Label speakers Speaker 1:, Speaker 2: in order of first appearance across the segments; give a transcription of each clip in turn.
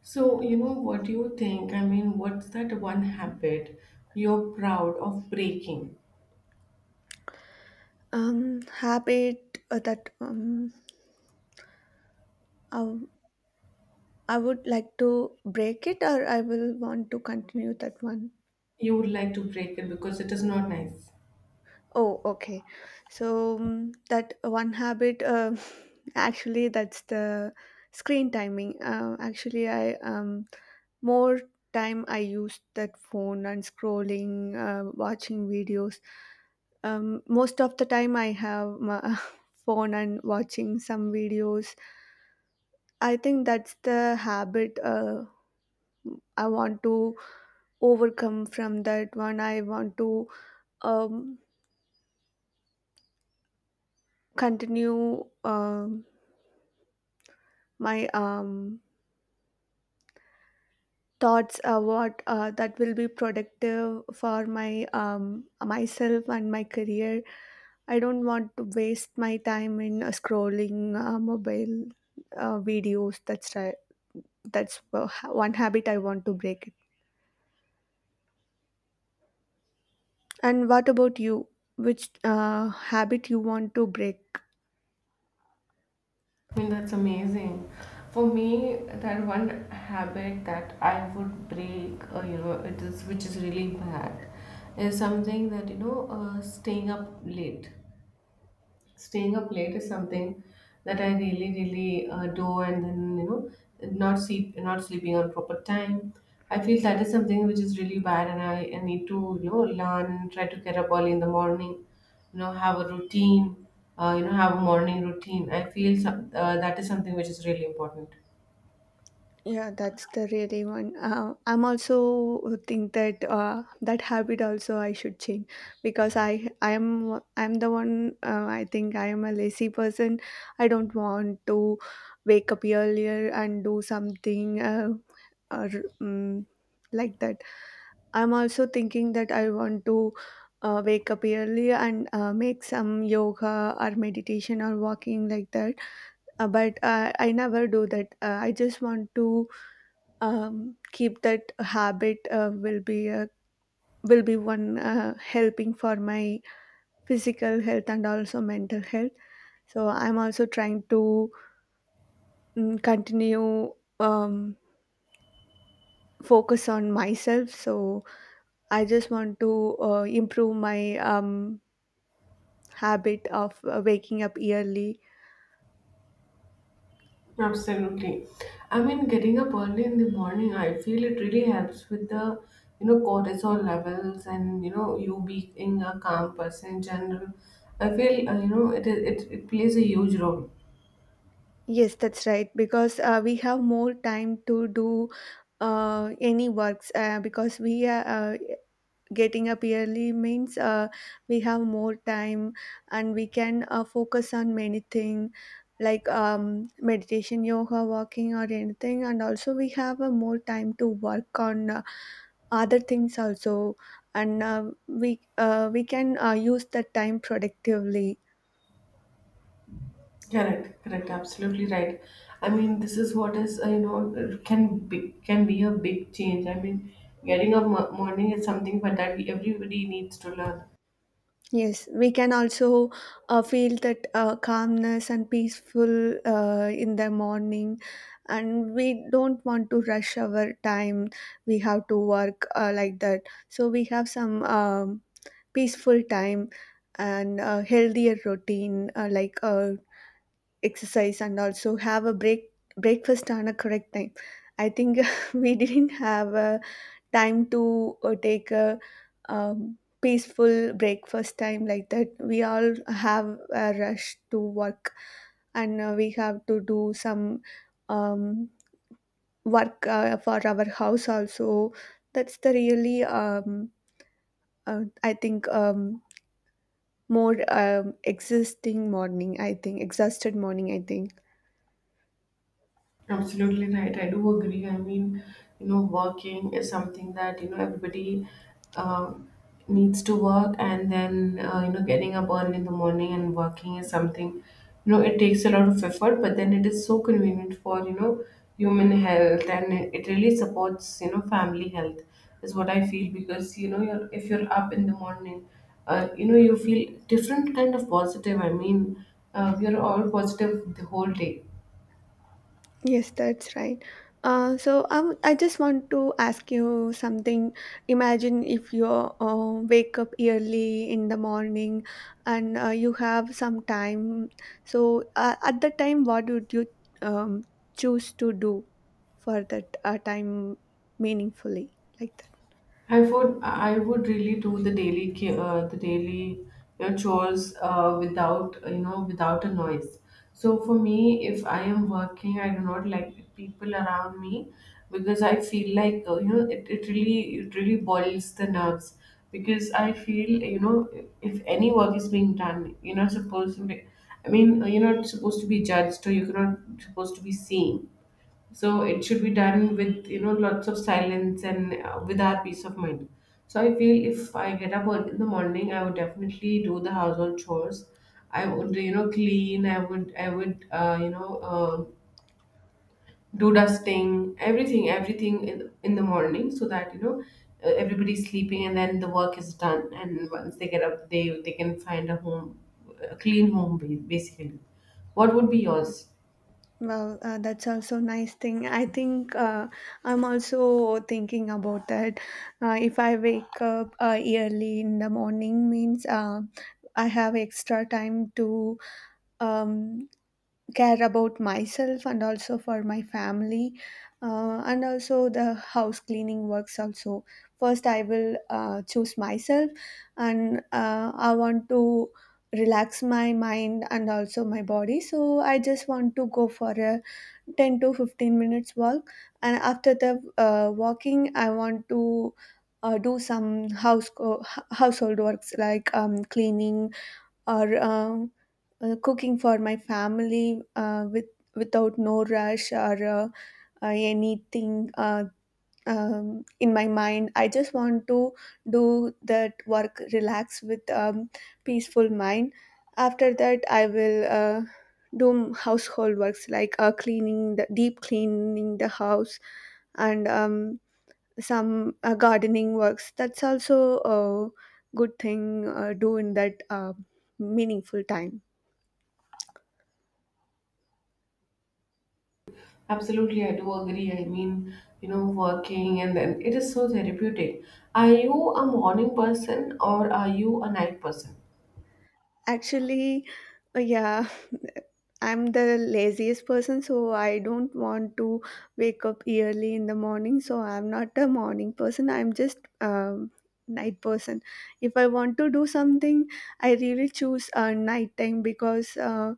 Speaker 1: So, you know, what do you think? What's that one habit you're proud of breaking?
Speaker 2: Habit that I, I would like to break it, or I will want to continue that one?
Speaker 1: You would like to break it because it is not nice.
Speaker 2: Oh, okay. So that one habit, actually that's the screen timing. Actually, I more time I use that phone and scrolling, watching videos. Most of the time I have my phone and watching some videos. I think that's the habit I want to overcome from. That one I want to um, continue. My thoughts, what, that will be productive for my, myself and my career. I don't want to waste my time in scrolling mobile videos. That's right. That's one habit I want to break. And what about you? Which habit you want to break?
Speaker 1: I mean, that's amazing. For me, that one habit that I would break, you know, it is which is really bad, is something that, you know, staying up late. Staying up late is something that I really, really do, and then you know, not sleeping on proper time. I feel that is something which is really bad, and I need to you know learn, try to get up early in the morning, you know, have a routine, you know, have a morning routine. I feel that is something which is really important.
Speaker 2: Yeah, that's the really one. I'm also think that that habit also I should change, because I'm the one. I think I am a lazy person. I don't want to wake up earlier and do something, or um, like that. I'm also thinking that I want to wake up early and make some yoga or meditation or walking, like that. But I never do that. I just want to keep that habit. Will be a, will be one helping for my physical health and also mental health. So I'm also trying to continue, um, focus on myself. So I just want to improve my habit of waking up early.
Speaker 1: Absolutely. I mean, getting up early in the morning, I feel it really helps with you know, cortisol levels and, you know, you being a calm person in general. I feel, you know, it plays a huge role.
Speaker 2: Yes, that's right, because we have more time to do any works, because we are, getting up early means we have more time, and we can focus on many things like, meditation, yoga, walking, or anything. And also we have a more time to work on, other things also. And we we can use that time productively.
Speaker 1: Correct, correct, absolutely right. I mean, this is what is, you know, it can can be a big change. I mean, getting up morning is something but that we, everybody needs to learn.
Speaker 2: Yes, we can also feel that calmness and peaceful in the morning, and we don't want to rush our time. We have to work like that, so we have some peaceful time and a healthier routine, like exercise, and also have a break, breakfast on a correct time. I think we didn't have a time to take a peaceful breakfast time. Like that, we all have a rush to work, and we have to do some um, work for our house also. That's the really, I think, more, existing morning, I think, exhausted morning, I think.
Speaker 1: Absolutely right. I do agree. I mean, you know, working is something that, you know, everybody uh, needs to work. And then, you know, getting up early in the morning and working is something, you know, it takes a lot of effort, but then it is so convenient for, you know, human health and it really supports, you know, family health is what I feel because, if you're up in the morning, you know, you feel different kind of positive. I mean, we are all positive the whole day.
Speaker 2: Yes, that's right. So I just want to ask you something. Imagine if you wake up early in the morning, and you have some time. So at the time, what would you um, choose to do for that time meaningfully? Like…
Speaker 1: I would really do the the daily you know, chores without you know without a noise. So for me, if I am working, I do not like people around me because I feel like you know it really boils the nerves because I feel you know if any work is being done, you're not supposed to be. I mean, you're not supposed to be judged, or you're not supposed to be seen, so it should be done with you know lots of silence and with our peace of mind. So I feel if I get up early in the morning I would definitely do the household chores. I would you know clean, I would you know, do dusting, everything, in the morning so that you know everybody's sleeping and then the work is done, and once they get up they can find a home, a clean home, basically. What would be yours?
Speaker 2: Well, that's also nice thing. I think, I'm also thinking about that. If I wake up early in the morning, means I have extra time to um, care about myself and also for my family, and also the house cleaning works. Also, first I will choose myself, and I want to relax my mind and also my body. So I just want to go for a 10 to 15 minutes walk, and after the walking, I want to do some household works like, cleaning, or cooking for my family, with without no rush or, anything in my mind. I just want to do that work, relax with peaceful mind. After that, I will do household works like, cleaning, the deep cleaning the house, and some gardening works. That's also a good thing do in that meaningful time.
Speaker 1: Absolutely, I do agree. I mean, you know, working and then it is so therapeutic. Are you a morning person or are you a night person?
Speaker 2: Actually, yeah, I'm the laziest person, so I don't want to wake up early in the morning. So I'm not a morning person. I'm just, night person. If I want to do something, I really choose night time, because uh,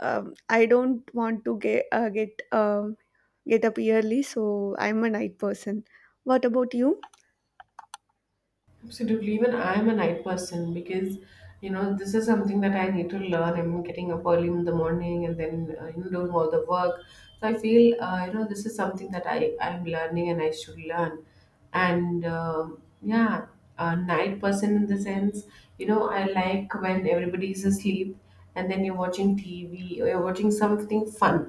Speaker 2: um, I don't want to get up early. So I'm a night person. What about you?
Speaker 1: Absolutely. Even I am a night person because, you know, this is something that I need to learn. I'm getting up early in the morning and then, you know, doing all the work. So I feel, you know, this is something that I'm learning and I should learn. And yeah, a night person in the sense, you know, I like when everybody is asleep and then you're watching TV or you're watching something fun,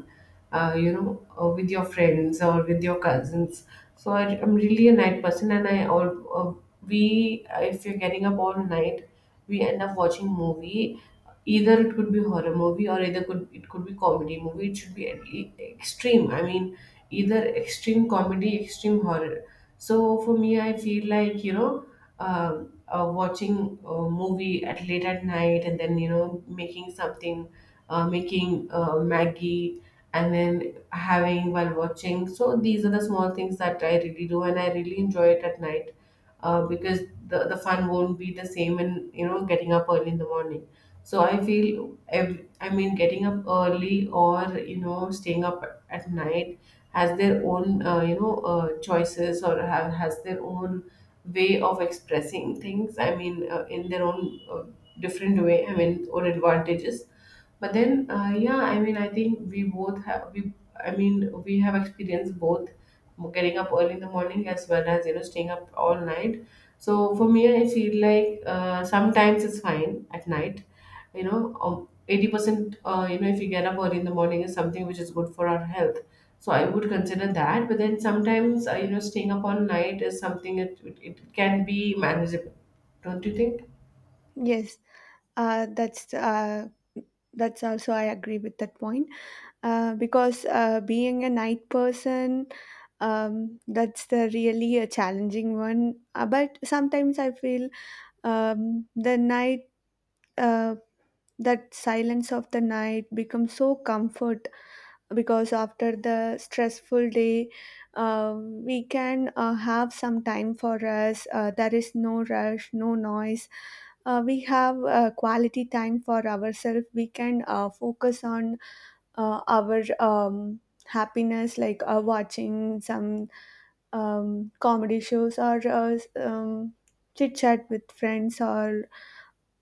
Speaker 1: you know, with your friends or with your cousins. So am really a night person, and I all uh, we if you're getting up all night, we end up watching movie. Either it could be horror movie or either could it could be comedy movie. It should be extreme. I mean, either extreme comedy, extreme horror. So for me, I feel like you know. Watching a movie at late at night and then you know making something, making maggie and then having while watching. So these are the small things that I really do, and I really enjoy it at night, because the fun won't be the same in you know getting up early in the morning. So I feel ev I mean getting up early or you know staying up at night has their own you know choices or have has their own way of expressing things. I mean in their own different way. I mean or advantages, but then yeah I mean I think we both have we I mean we have experienced both getting up early in the morning as well as you know staying up all night. So for me I feel like sometimes it's fine at night, you know, 80% you know if you get up early in the morning is something which is good for our health, so I would consider that, but then sometimes you know staying up all night is something it can be manageable. Don't you think?
Speaker 2: Yes, uh, that's uh, that's also I agree with that point. Because being a night person, that's the really a challenging one. But sometimes I feel the night, uh, that silence of the night becomes so comfort, because after the stressful day, we can have some time for us. There is no rush, no noise. We have quality time for ourselves. We can focus on our happiness, like, watching some comedy shows, or chit chat with friends, or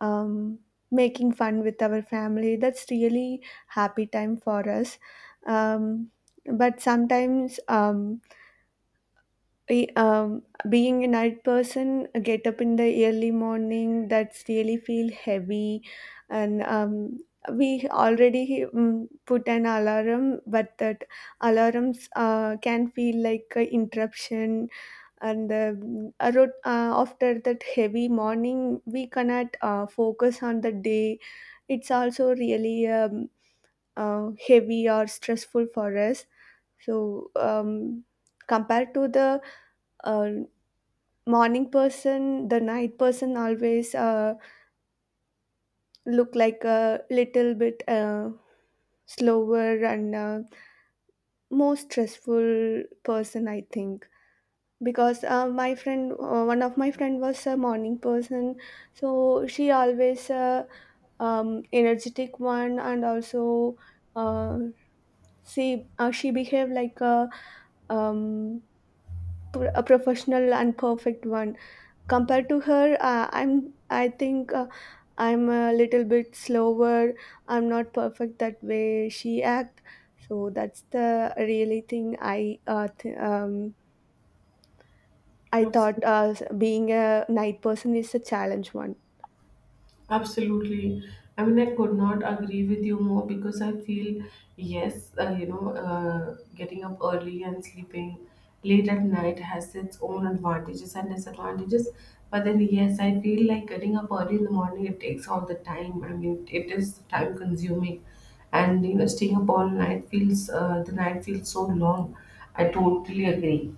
Speaker 2: um, making fun with our family. That's really happy time for us. um, but sometimes, I- um, being a night person, I get up in the early morning, that's really feel heavy. And we already put an alarm, but that alarms can feel like a interruption. And after that heavy morning, we cannot focus on the day. It's also really, heavy or stressful for us. So compared to the uh, morning person, the night person always look like a little bit slower and more stressful person, I think. Because my friend one of my friend was a morning person, so she always, energetic one, and also uh, she behaved like a, um, a professional and perfect one. Compared to her, I'm, I think I'm a little bit slower. I'm not perfect that way she act. So that's the really thing I, I
Speaker 1: Yes.
Speaker 2: thought being a night person is a challenge one.
Speaker 1: Absolutely. I mean, I could not agree with you more because I feel, yes, you know, getting up early and sleeping late at night has its own advantages and disadvantages. But then, yes, I feel like getting up early in the morning, it takes all the time. I mean, it is time consuming. And, you know, staying up all night feels, the night feels so long. I totally agree.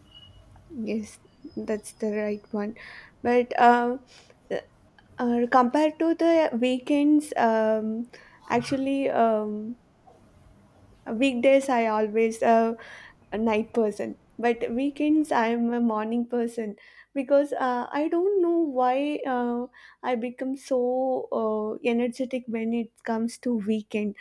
Speaker 2: Yes, that's the right one. But, uh, compared to the weekends, actually, weekdays I always, a night person, but weekends I'm a morning person, because I don't know why, I become so energetic when it comes to weekend.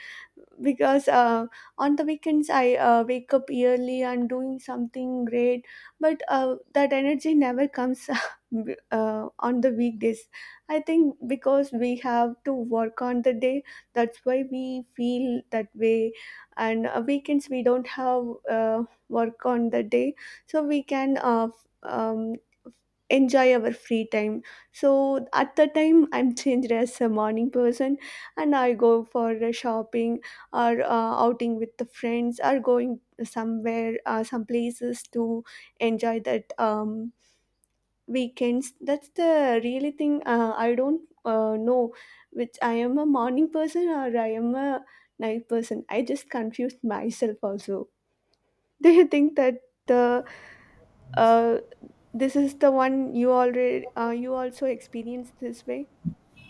Speaker 2: Because on the weekends I wake up early and doing something great. But that energy never comes on the weekdays. I think because we have to work on the day, that's why we feel that way. And weekends we don't have uh, work on the day, so we can, enjoy our free time. So at the time I'm changed as a morning person, and I go for a shopping, or outing with the friends, or going somewhere some places to enjoy that weekends. That's the really thing I don't know which I am a morning person or I am a night person. I just confused myself also. Do you think that the uh, this is the one you already you also experienced this way?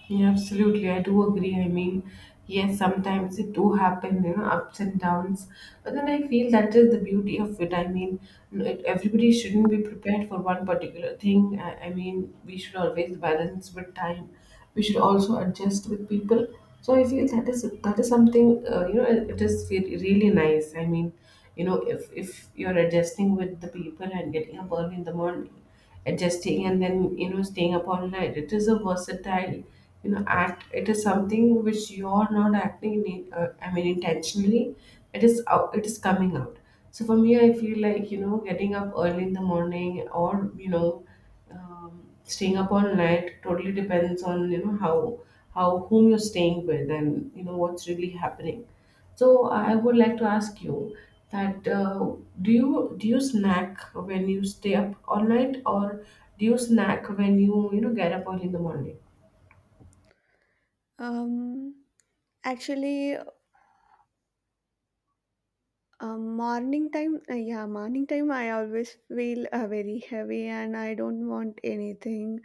Speaker 1: Yeah, absolutely. I do agree. I mean, yes, sometimes it do happen, you know, ups and downs. But then I feel that is the beauty of it. I mean, everybody shouldn't be prepared for one particular thing. I mean, we should always balance with time. We should also adjust with people. So I feel that is something you know. It is really nice. I mean, you know, if you're adjusting with the people and getting up early in the morning, adjusting and then you know staying up all night, it is a versatile you know act. It is something which you're not acting in, I mean intentionally. It is out, it is coming out. So for me I feel like you know getting up early in the morning or you know staying up all night totally depends on you know how whom you're staying with and you know what's really happening. So I would like to ask you that do you snack when you stay up all night, or do you snack when you know get up early in the morning?
Speaker 2: um Actually, morning time yeah, morning time I always feel very heavy, and I don't want anything.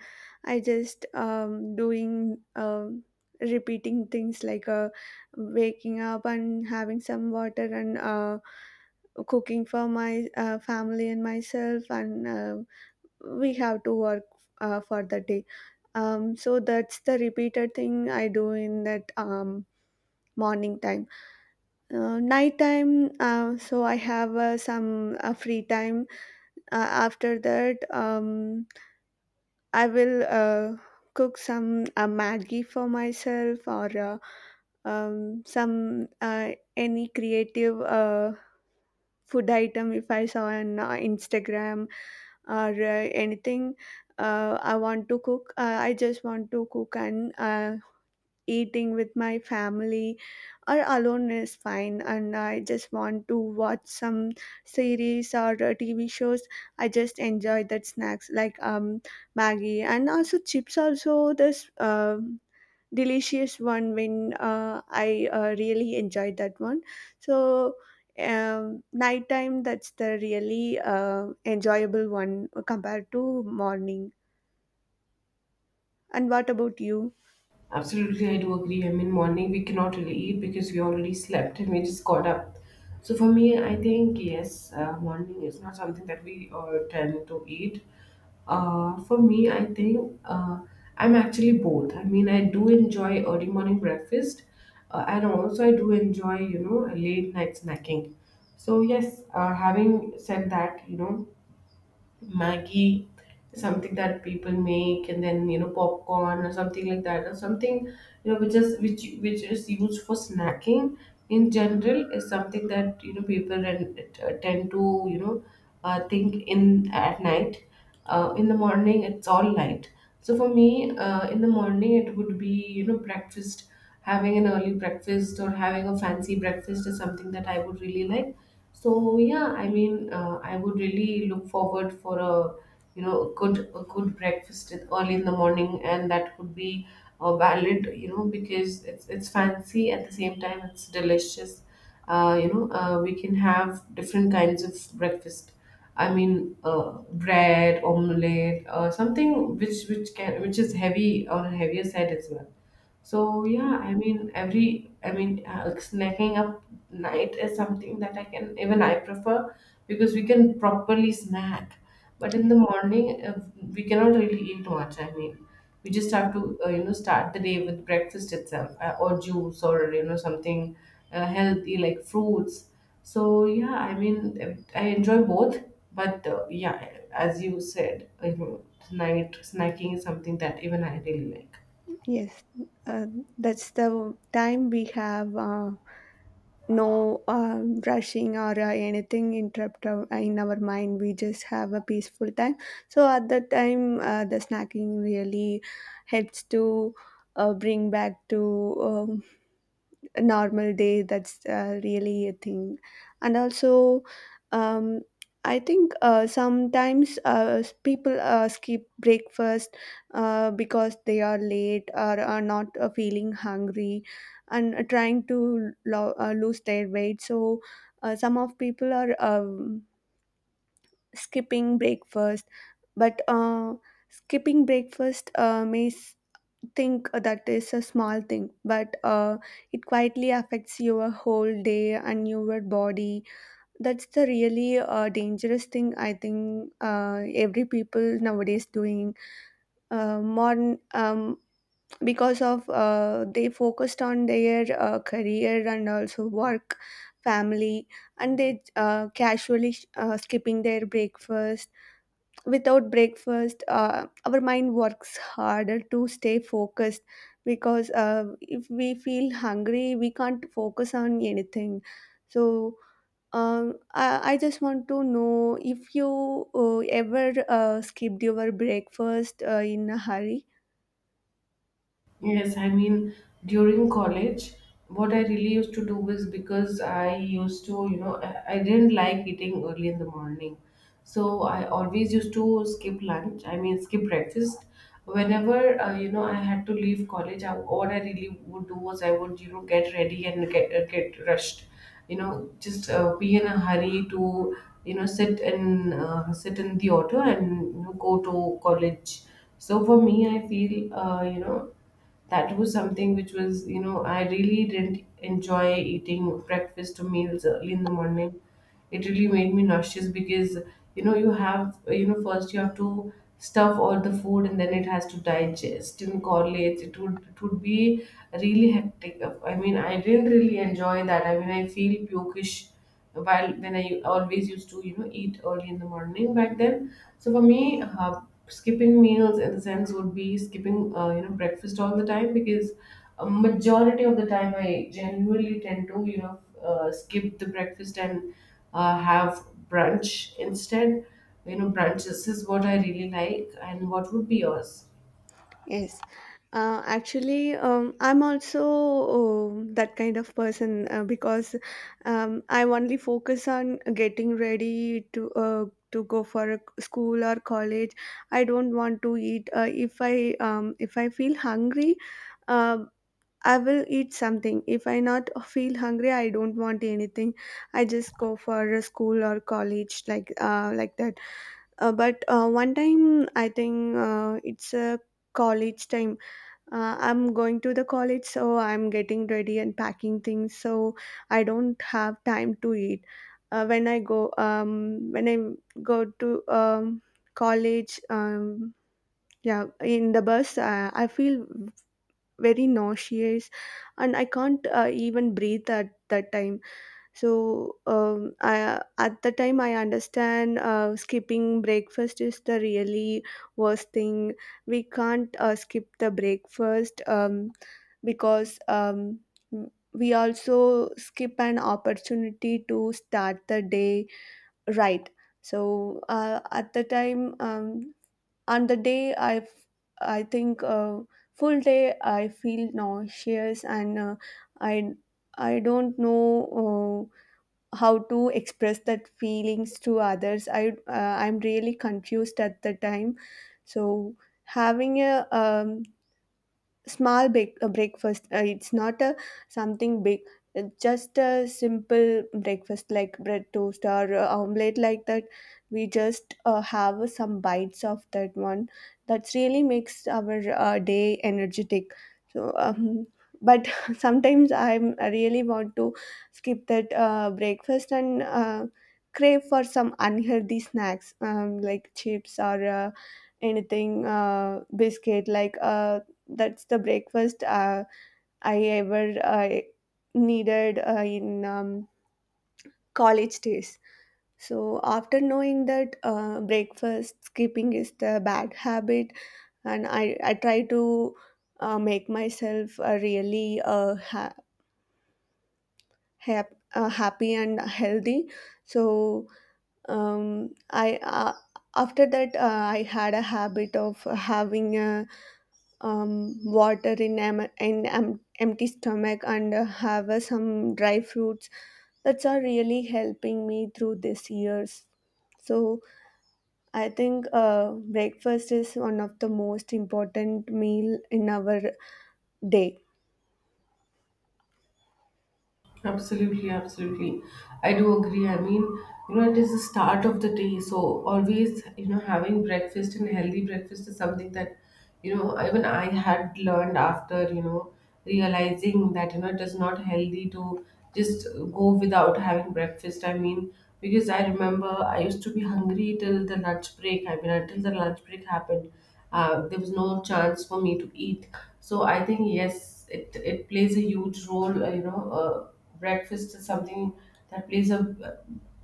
Speaker 2: I just doing repeating things, like, waking up and having some water, and cooking for my family and myself, and we have to work for the day. So that's the repeated thing I do in that morning time. Night time, so I have some free time. After that, I will cook some maggi for myself, or some any creative food item if I saw on Instagram, or anything I want to cook. I just want to cook and eating with my family, or alone is fine. And I just want to watch some series or TV shows. I just enjoy that snacks, like, Maggie, and also chips. Also, this. Delicious one, when I really enjoyed that one. So nighttime, that's the really enjoyable one compared to morning. And what about you?
Speaker 1: Absolutely, I do agree. I mean, morning we cannot really eat because we already slept and we just got up. So for me, I think yes, morning is not something that we tend to eat. For me, I think I'm actually both. I mean, I do enjoy early morning breakfast, and also I do enjoy you know late night snacking. So yes, having said that, you know Maggie, something that people make, and then you know popcorn or something like that, or something you know which is which is used for snacking in general is something that you know people and tend to you know think in at night. In the morning, it's all light. So for me, in the morning it would be you know breakfast. Having an early breakfast or having a fancy breakfast is something that I would really like. So yeah, I mean, I would really look forward for a you know good a good breakfast early in the morning, and that could be valid, you know, because it's fancy at the same time it's delicious. You know, we can have different kinds of breakfast. I mean, bread, omelette, something which can which is heavy on a heavier side as well. So yeah, I mean every I mean snacking up night is something that I can even I prefer, because we can properly snack. But in
Speaker 2: Yeah.
Speaker 1: the morning we cannot really eat much. I mean we just have to you know start the day with breakfast itself, or juice or you know something healthy like fruits. So yeah, I mean I enjoy both. But yeah, as you said, you know, night snacking is something that even I really like.
Speaker 2: Yes, uh, that's the time we have no rushing or anything interrupt our, in our mind. We just have a peaceful time, so at that time the snacking really helps to bring back to a normal day. That's really a thing. And also, um, I think sometimes people skip breakfast, because they are late, or are not feeling hungry, and trying to lose their weight. So some of people are skipping breakfast. But skipping breakfast may think that is a small thing, but it quietly affects your whole day and your body. That's the really dangerous thing I think every people nowadays doing modern because of they focused on their career and also work, family, and they casually skipping their breakfast. Without breakfast our mind works harder to stay focused, because if we feel hungry we can't focus on anything. So I just want to know if you ever skipped your breakfast in a hurry.
Speaker 1: Yes, I mean, during college, what I really used to do is because I used to, you know, I didn't like eating early in the morning. So I always used to skip lunch, I mean, skip breakfast. Whenever, I had to leave college, what I really would do was I would, get ready and get rushed, just be in a hurry to, sit in the auto and, go to college. So for me, I feel, that was something which was I really didn't enjoy eating breakfast or meals early in the morning. It really made me nauseous, because you have, first you have to stuff all the food, and then it has to digest and correlate, it would be really hectic. I mean, I didn't really enjoy that. I mean, I feel pukish while when I always used to eat early in the morning back then. So for me, skipping meals in the sense would be skipping breakfast all the time, because a majority of the time I genuinely tend to skip the breakfast and have brunch instead. Brunches is what I really like. And what would be yours?
Speaker 2: Actually, I'm also oh, that kind of person because I only focus on getting ready to to go for a school or college. I don't want to eat. If I if I feel hungry, um I will eat something. If I not feel hungry, I don't want anything. I just go for a school or college like that. But one time, I think it's a college time. I'm going to the college, so I'm getting ready and packing things, so I don't have time to eat. When I go to college. Yeah, in the bus, I feel very nauseous and I can't even breathe at that time. So at the time, I understand skipping breakfast is the really worst thing. We can't skip the breakfast, because we also skip an opportunity to start the day right. So at the time, on the day, I think full day I feel nauseous and I I don't know how to express that feelings to others. I'm really confused at the time. So having a small breakfast, it's not a something big. It's just a simple breakfast like bread toast or omelette, like that we just have some bites of that one. That really makes our day energetic. So but sometimes I really want to skip that breakfast and crave for some unhealthy snacks, like chips or anything, biscuit, like that's the breakfast I ever needed in college days. So after knowing that breakfast skipping is the bad habit, and I try to make myself really happy and healthy. So I after that I had a habit of having a water in, empty stomach, and have some dry fruits. That's are really helping me through these years. So I think breakfast is one of the most important meal in our day.
Speaker 1: Absolutely, absolutely. I do agree. I mean, it is the start of the day, so always, having breakfast, and healthy breakfast, is something that, even I had learned after, realizing that, it is not healthy to just go without having breakfast. I mean, because I remember I used to be hungry till the lunch break. I mean, until the lunch break happened, there was no chance for me to eat. So I think, yes, it plays a huge role. Breakfast is something that plays a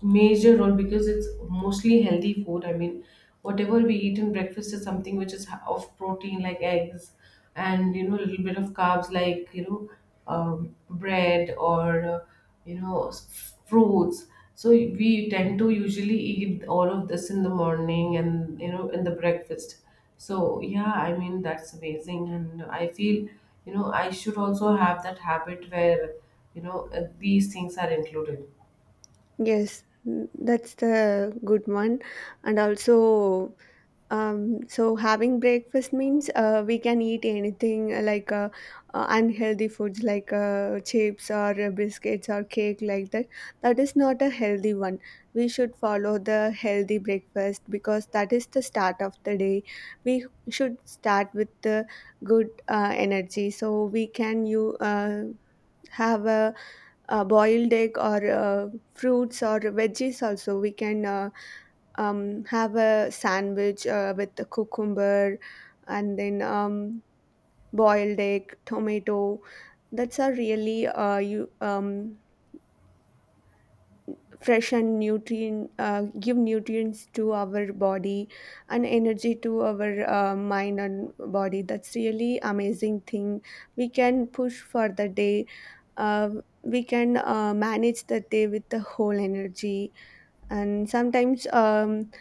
Speaker 1: major role, because it's mostly healthy food. I mean, whatever we eat in breakfast is something which is of protein, like eggs, and a little bit of carbs, like, bread, or fruits. So we tend to usually eat all of this in the morning, and in the breakfast. So yeah, I mean, that's amazing, and I feel I should also have that habit where these things are included.
Speaker 2: Yes, mm, that's the good one. And also, so having breakfast means we can eat anything like unhealthy foods like chips or biscuits or cake, like that. That is not a healthy one. We should follow the healthy breakfast because that is the start of the day. We should start with the good energy, so we can you have a boiled egg or fruits or veggies. Also we can have a sandwich with the cucumber, and then boiled egg, tomato. That's a really you fresh and nutrient, give nutrients to our body and energy to our mind and body. That's really amazing thing. We can push for the day. uh, we can manage the day with the whole energy. And sometimes um,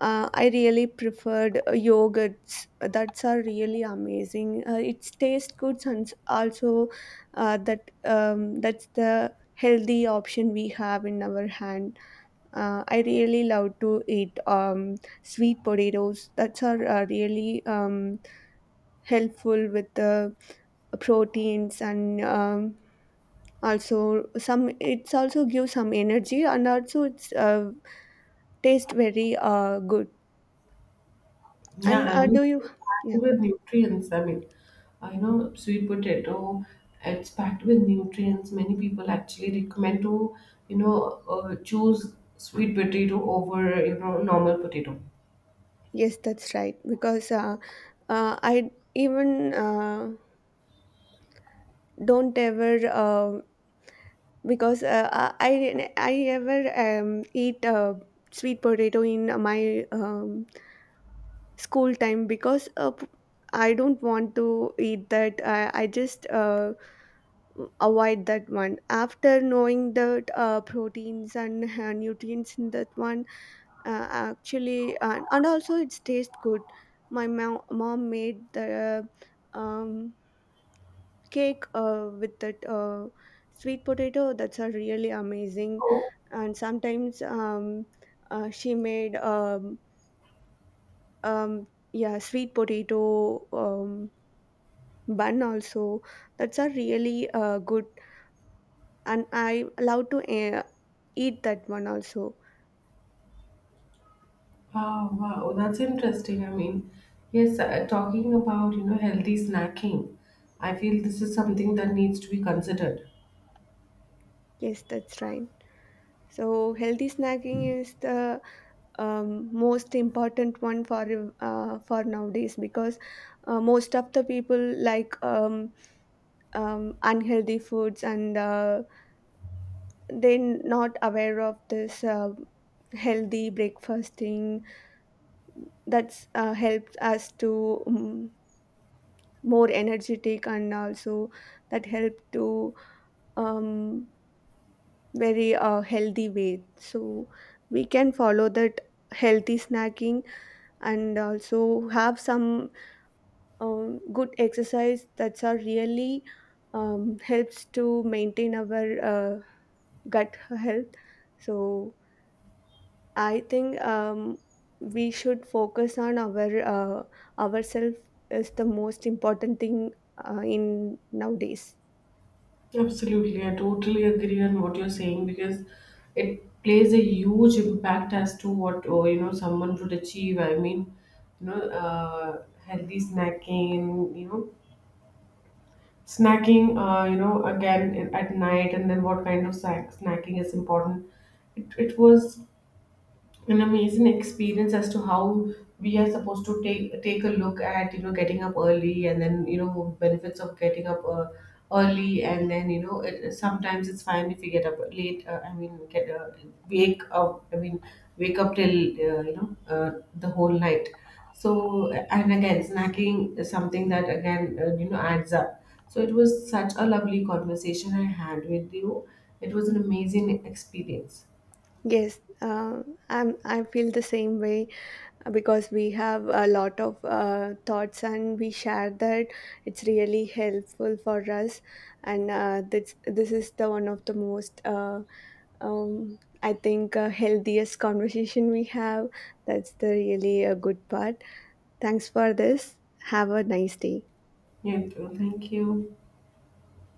Speaker 2: uh, I really preferred yogurts. That's are really amazing. It tastes good, and also that's the healthy option we have in our hand. I really love to eat sweet potatoes. That's are really helpful with the proteins. And also some, it's also gives some energy, and also it's taste very good.
Speaker 1: Yeah,
Speaker 2: And
Speaker 1: I mean,
Speaker 2: do you?
Speaker 1: it's packed
Speaker 2: Yeah,
Speaker 1: with nutrients. I mean, sweet potato, it's packed with nutrients. Many people actually recommend to choose sweet potato over normal potato.
Speaker 2: yes, that's right. Because I even don't ever, because I ever eat sweet potato in my school time, because I don't want to eat that. I just avoid that one after knowing that proteins and nutrients in that one. Actually, and also it's taste good. My mom made the um, cake with that sweet potato. That's a really amazing. And sometimes she made um, yeah sweet potato bun also. That's a really good, and I love to eat that one also.
Speaker 1: Wow, wow, that's interesting. I mean, yes, talking about, healthy snacking, I feel this is something that needs to be considered.
Speaker 2: Yes, that's right. So healthy snacking is the most important one for nowadays, because most of the people like unhealthy foods, and they're not aware of this healthy breakfasting. That's helped us to more energetic, and also that help to um, very healthy way. So we can follow that healthy snacking, and also have some good exercise. That's are really helps to maintain our uh, gut health. So I think we should focus on our uh, ourself, is the most important thing in nowadays.
Speaker 1: Absolutely, I totally agree on what you're saying, because it plays a huge impact as to what or someone would achieve. I mean, healthy snacking, again at night, and then what kind of snacking is important. It was an amazing experience as to how we are supposed to take a look at getting up early, and then benefits of getting up early. And then sometimes it's fine if you get up late, I mean get wake up, I mean wake up till uh, you know uh, the whole night. So, and again, snacking is something that again adds up. So it was such a lovely conversation I had with you. It was an amazing experience.
Speaker 2: Yes, I feel the same way, because we have a lot of thoughts and we share that. It's really helpful for us. And this is the one of the most I think healthiest conversation we have. That's the really a good part. Thanks for this. Have a nice day.
Speaker 1: Yeah. Thank you.